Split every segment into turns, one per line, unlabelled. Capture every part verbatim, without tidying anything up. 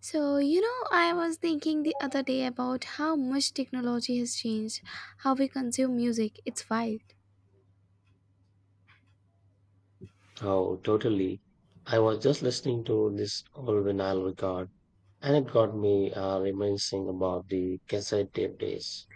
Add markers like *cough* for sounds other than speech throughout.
So, you know, I was thinking the other day about how much technology has changed how we consume music. It's wild.
Oh, totally. I was just listening to this old vinyl record and it got me uh, reminiscing about the cassette tape days.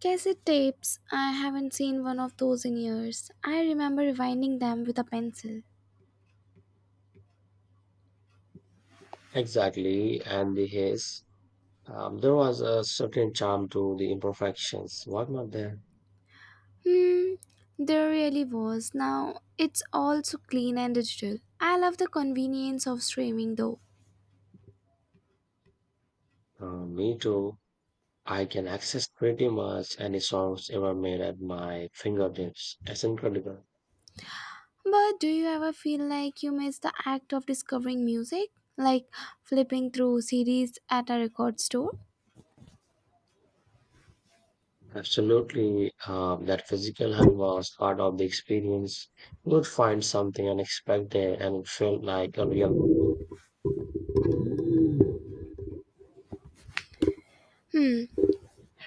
Cassette tapes, I haven't seen one of those in years. I remember rewinding them with a pencil.
Exactly, and the haze. Um, there was a certain charm to the imperfections. What not there?
Hmm, there really was. Now it's all so clean and digital. I love the convenience of streaming though.
Uh, me too. I can access pretty much any songs ever made at my fingertips. It's incredible.
But do you ever feel like you miss the act of discovering music? Like flipping through C Ds at a record store?
Absolutely, um, that physical hunt was part of the experience. You would find something unexpected and it felt like a real
Hmm.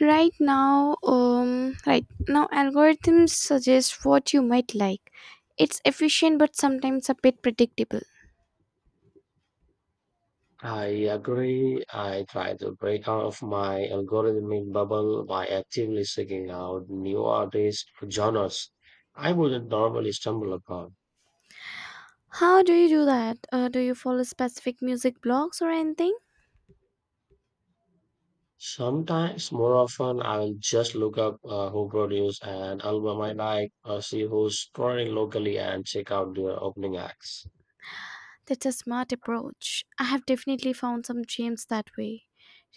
Right now, um, right now, algorithms suggest what you might like. It's efficient but sometimes a bit predictable.
I agree. I try to break out of my algorithmic bubble by actively seeking out new artists or genres I wouldn't normally stumble upon.
How do you do that? Uh, do you follow specific music blogs or anything?
Sometimes, more often, I will just look up uh, who produced an album I like, or see who's touring locally, and check out their opening acts.
That's a smart approach. I have definitely found some gems that way.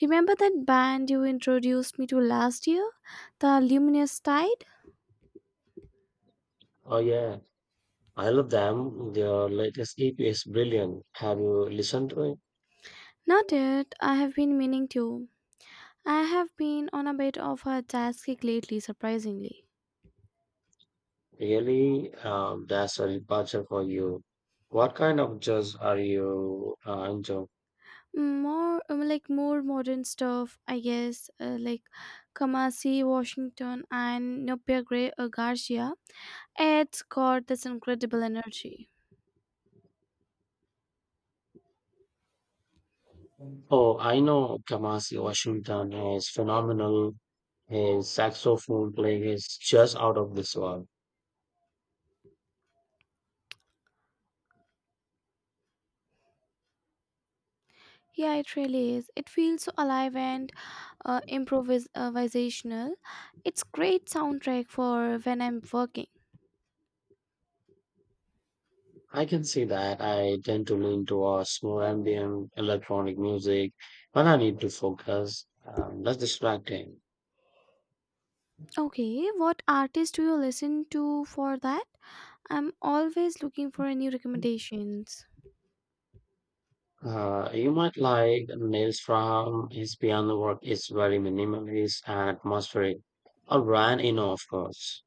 Remember that band you introduced me to last year? The Luminous Tide?
Oh yeah, I love them. Their latest E P is brilliant. Have you listened to it?
Not yet. I have been meaning to. I have been on a bit of a jazz kick lately, surprisingly.
Really, um, that's a departure for you. What kind of jazz are you uh, into?
Mm, more um, Like more modern stuff I guess uh, like Kamasi Washington and Nopia Gray uh, Garcia. It's got this incredible energy.
Oh, I know Kamasi Washington is phenomenal. His saxophone playing is just out of this world.
Yeah, it really is. It feels so alive and uh, improvis- improvisational. It's great soundtrack for when I'm working.
I can see that. I tend to lean towards more ambient electronic music when I need to focus. Um, that's distracting.
Okay, what artist do you listen to for that? I'm always looking for new recommendations.
Uh, you might like Nils Fram. His piano work is very minimalist and atmospheric. Or Brian Eno, of course.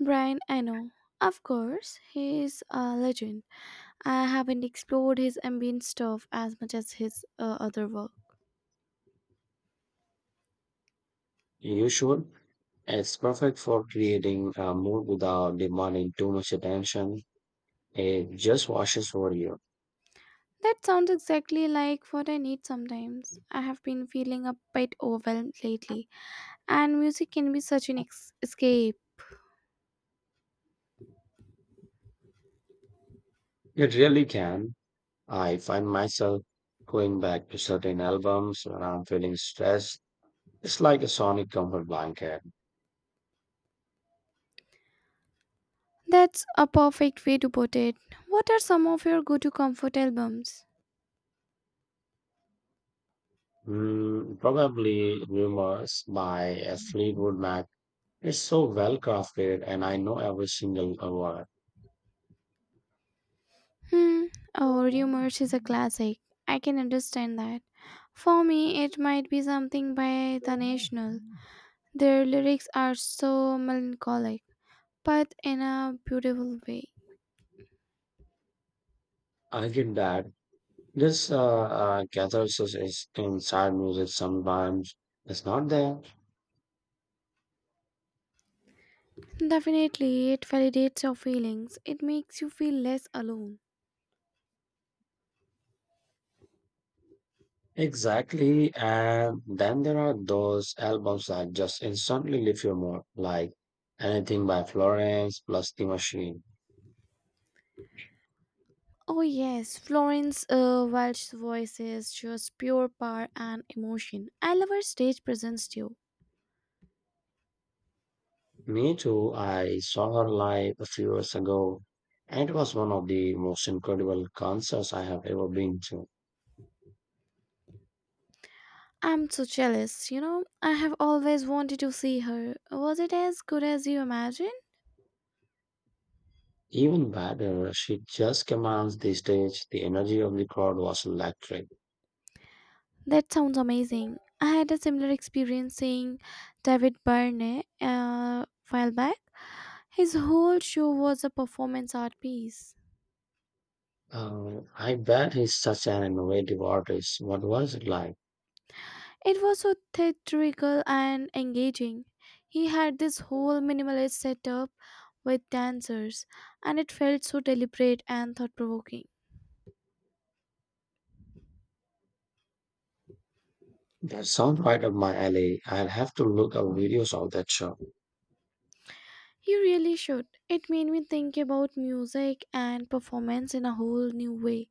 Brian Eno, of course, he's a legend. I haven't explored his ambient stuff as much as his uh, other work.
You should. It's perfect for creating a mood without demanding too much attention. It just washes over you.
That sounds exactly like what I need sometimes. I have been feeling a bit overwhelmed lately, and music can be such an ex- escape.
It really can. I find myself going back to certain albums when I'm feeling stressed. It's like a sonic comfort blanket.
That's a perfect way to put it. What are some of your go to comfort albums?
Mm, probably Rumors by uh, Fleetwood Mac. It's so well crafted and I know every single uh, word.
Hmm. Oh, Rumors is a classic. I can understand that. For me, it might be something by The National. Their lyrics are so melancholic, but in a beautiful way.
I get that this uh, uh, catharsis is inside music sometimes. It's not there.
Definitely, it validates your feelings. It makes you feel less alone.
Exactly. And then there are those albums that just instantly lift your mood, like anything by Florence plus The Machine.
Oh, yes, Florence uh, Welch's voice is just pure power and emotion. I love her stage presence too.
Me too. I saw her live a few years ago, and it was one of the most incredible concerts I have ever been to.
I'm so jealous, you know. I have always wanted to see her. Was it as good as you imagine?
Even better, she just commands the stage. The energy of the crowd was electric.
That sounds amazing. I had a similar experience seeing David Byrne uh, while back. His whole show was a performance art piece.
Um, I bet he's such an innovative artist. What was it like?
It was so theatrical and engaging. He had this whole minimalist setup with dancers, and it felt so deliberate and thought provoking.
That sounds right up my alley. I'll have to look up videos of that show.
You really should. It made me think about music and performance in a whole new way.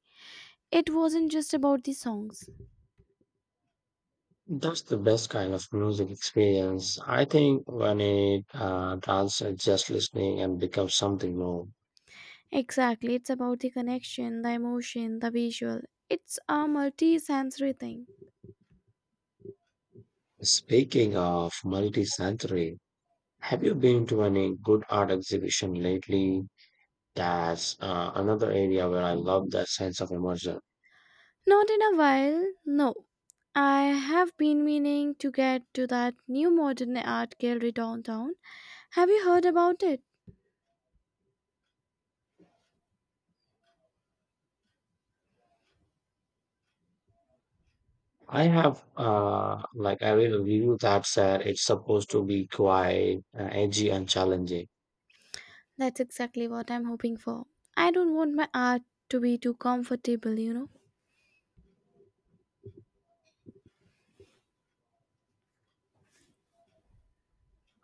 It wasn't just about the songs.
That's the best kind of music experience. I think when it uh, transcends just listening and becomes something more.
Exactly, it's about the connection, the emotion, the visual. It's a multi sensory thing.
Speaking of multi-sensory, have you been to any good art exhibition lately? That's uh, another area where I love that sense of immersion.
Not in a while, no. I have been meaning to get to that new modern art gallery downtown. Have you heard about it?
I have, uh, like, I read a review that said it's supposed to be quite uh, edgy and challenging.
That's exactly what I'm hoping for. I don't want my art to be too comfortable, you know.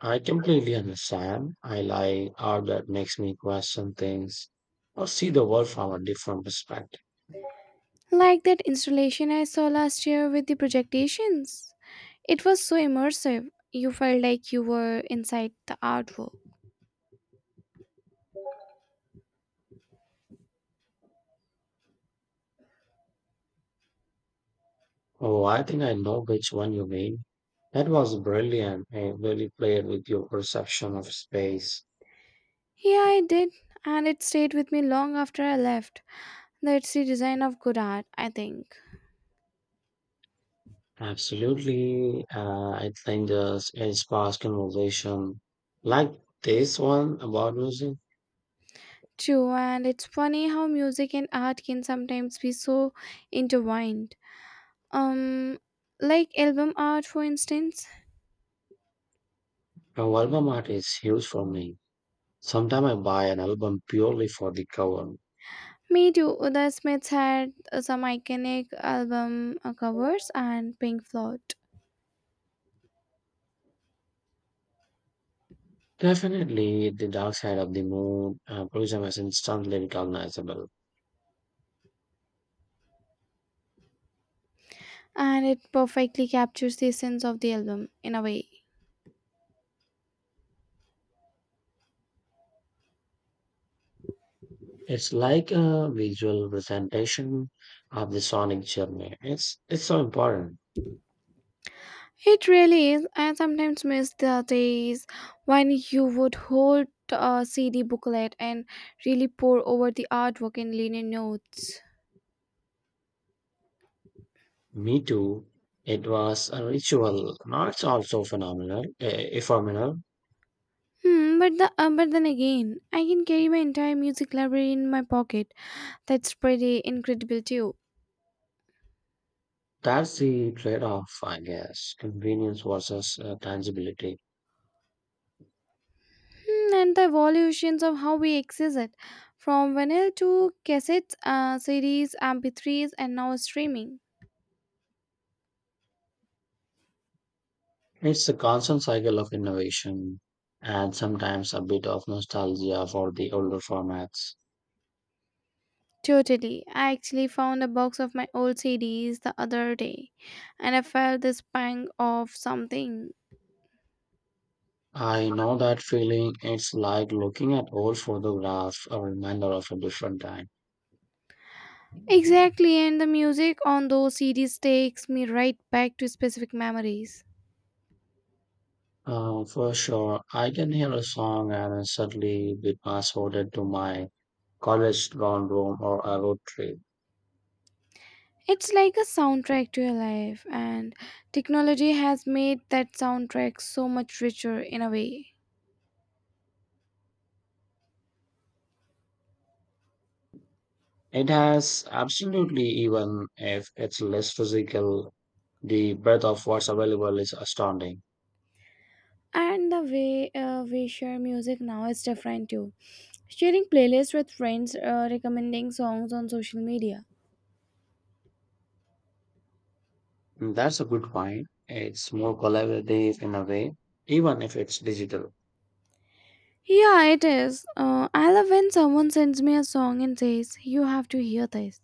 I completely understand. I like art that makes me question things or see the world from a different perspective.
Like that installation I saw last year with the projectations. It was so immersive. You felt like you were inside the artwork.
Oh, I think I know which one you mean. That was brilliant. It really played with your perception of space.
Yeah, I did, and it stayed with me long after I left. That's the design of good art, I think.
Absolutely. Uh, I think the sparse conversation like this one about music
True, and it's funny how music and art can sometimes be so intertwined. Um, like album art, for instance.
from album art is huge for me. Sometimes I buy an album purely for the cover.
Me too. The Smiths had uh, some iconic album uh, covers, and Pink Floyd,
Definitely, the dark side of the moon uh, prism is instantly recognizable.
and it perfectly captures the essence of the album in a way.
It's like a visual presentation of the sonic journey. It's it's so important.
It really is. I sometimes miss the days when you would hold a C D booklet and really pour over the artwork and linen notes.
Me too. It was a ritual. Now it's also phenomenal, a, a phenomenal
Hmm, but the uh, but then again, I can carry my entire music library in my pocket. That's pretty incredible too.
that's the trade off, I guess. Convenience versus uh, tangibility.
Hmm, and the evolutions of how we access it, from vinyl to cassettes, uh, C Ds, M P threes, and now streaming.
It's a constant cycle of innovation and sometimes a bit of nostalgia for the older formats.
Totally. I actually found a box of my old C Ds the other day, and I felt this pang of something.
I know that feeling. It's like looking at old photographs, a reminder of a different time.
Exactly, and the music on those C Ds takes me right back to specific memories.
Uh, for sure, I can hear a song and I suddenly be transported to my college dorm room or a road trip.
It's like a soundtrack to your life, and technology has made that soundtrack so much richer in a way.
It has absolutely, even if it's less physical, the breadth of what's available is astounding.
And the way uh, we share music now is different too. Sharing playlists with friends, uh, recommending songs on social media.
And that's a good point. It's more collaborative in a way, even if it's digital.
Yeah, it is. Uh, I love when someone sends me a song and says, "You have to hear this."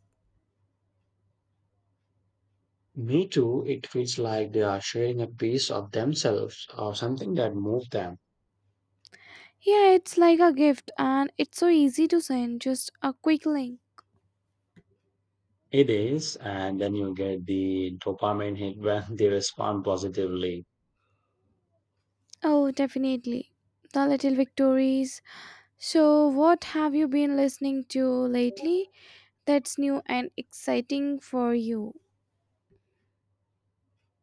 Me too, it feels like they are sharing a piece of themselves or something that moved them.
Yeah, it's like a gift, and it's so easy to send, just a quick link.
It is, and then you get the dopamine hit when *laughs* they respond positively.
Oh, definitely. The Little Victories. So, what have you been listening to lately that's new and exciting for you?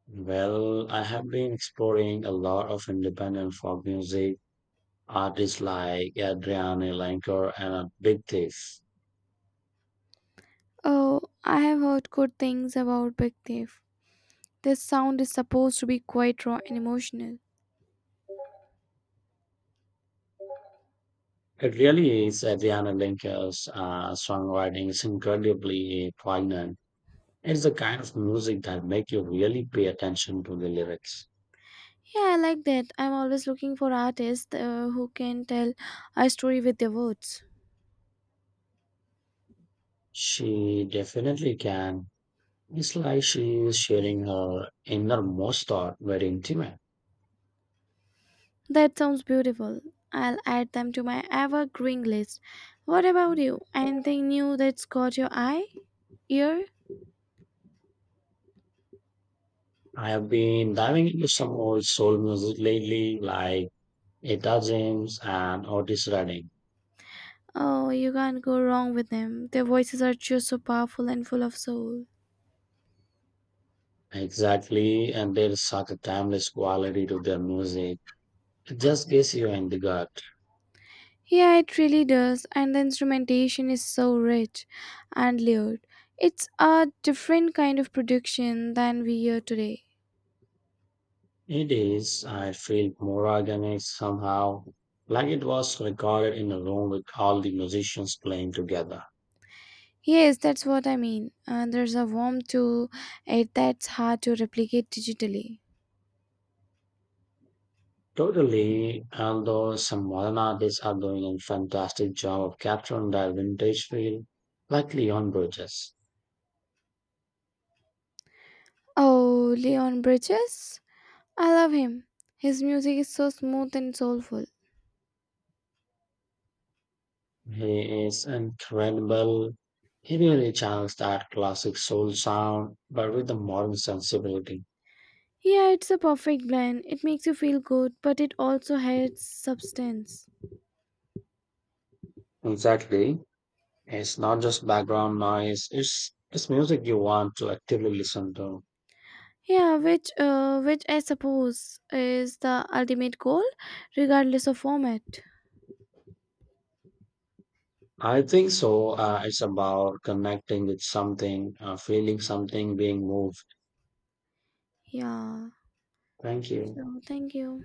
Well, I have been exploring a lot of independent folk music artists like Adriana Lenker and a Big Thief.
Oh, I have heard good things about Big Thief. This sound is supposed to be quite raw and emotional.
It really is Adriana Lenker's uh, songwriting is incredibly poignant. It's the kind of music that make you really pay attention to the lyrics.
Yeah, I like that. I'm always looking for artists uh, who can tell a story with their words.
She definitely can. It's like she is sharing her innermost thought very intimate.
That sounds beautiful. I'll add them to my evergreen list. What about you? Anything new that's caught your eye? Ear?
I have been diving into some old soul music lately, like Etta James and Otis Redding.
Oh, you can't go wrong with them. Their voices are just so powerful and full of soul.
Exactly, and there is such a timeless quality to their music. It just gets you in the gut.
Yeah, it really does. And the instrumentation is so rich and layered. It's a different kind of production than we hear today.
It is, I feel, more organic somehow, like it was recorded in a room with all the musicians playing together.
Yes, that's what I mean. Uh, there's a warmth to it that's hard to replicate digitally.
Totally, although some modern artists are doing a fantastic job of capturing that vintage feel, like Leon Bridges.
Oh, Leon Bridges? I love him. His music is so smooth and soulful.
He is incredible. He really channels that classic soul sound, but with a modern sensibility.
Yeah, it's a perfect blend. It makes you feel good, but it also has substance.
Exactly. It's not just background noise. It's it's music you want to actively listen to.
Yeah, which uh, which I suppose is the ultimate goal, regardless of format.
I think so. Uh, it's about connecting with something, uh, feeling something, being moved.
Yeah.
Thank you.
So thank you.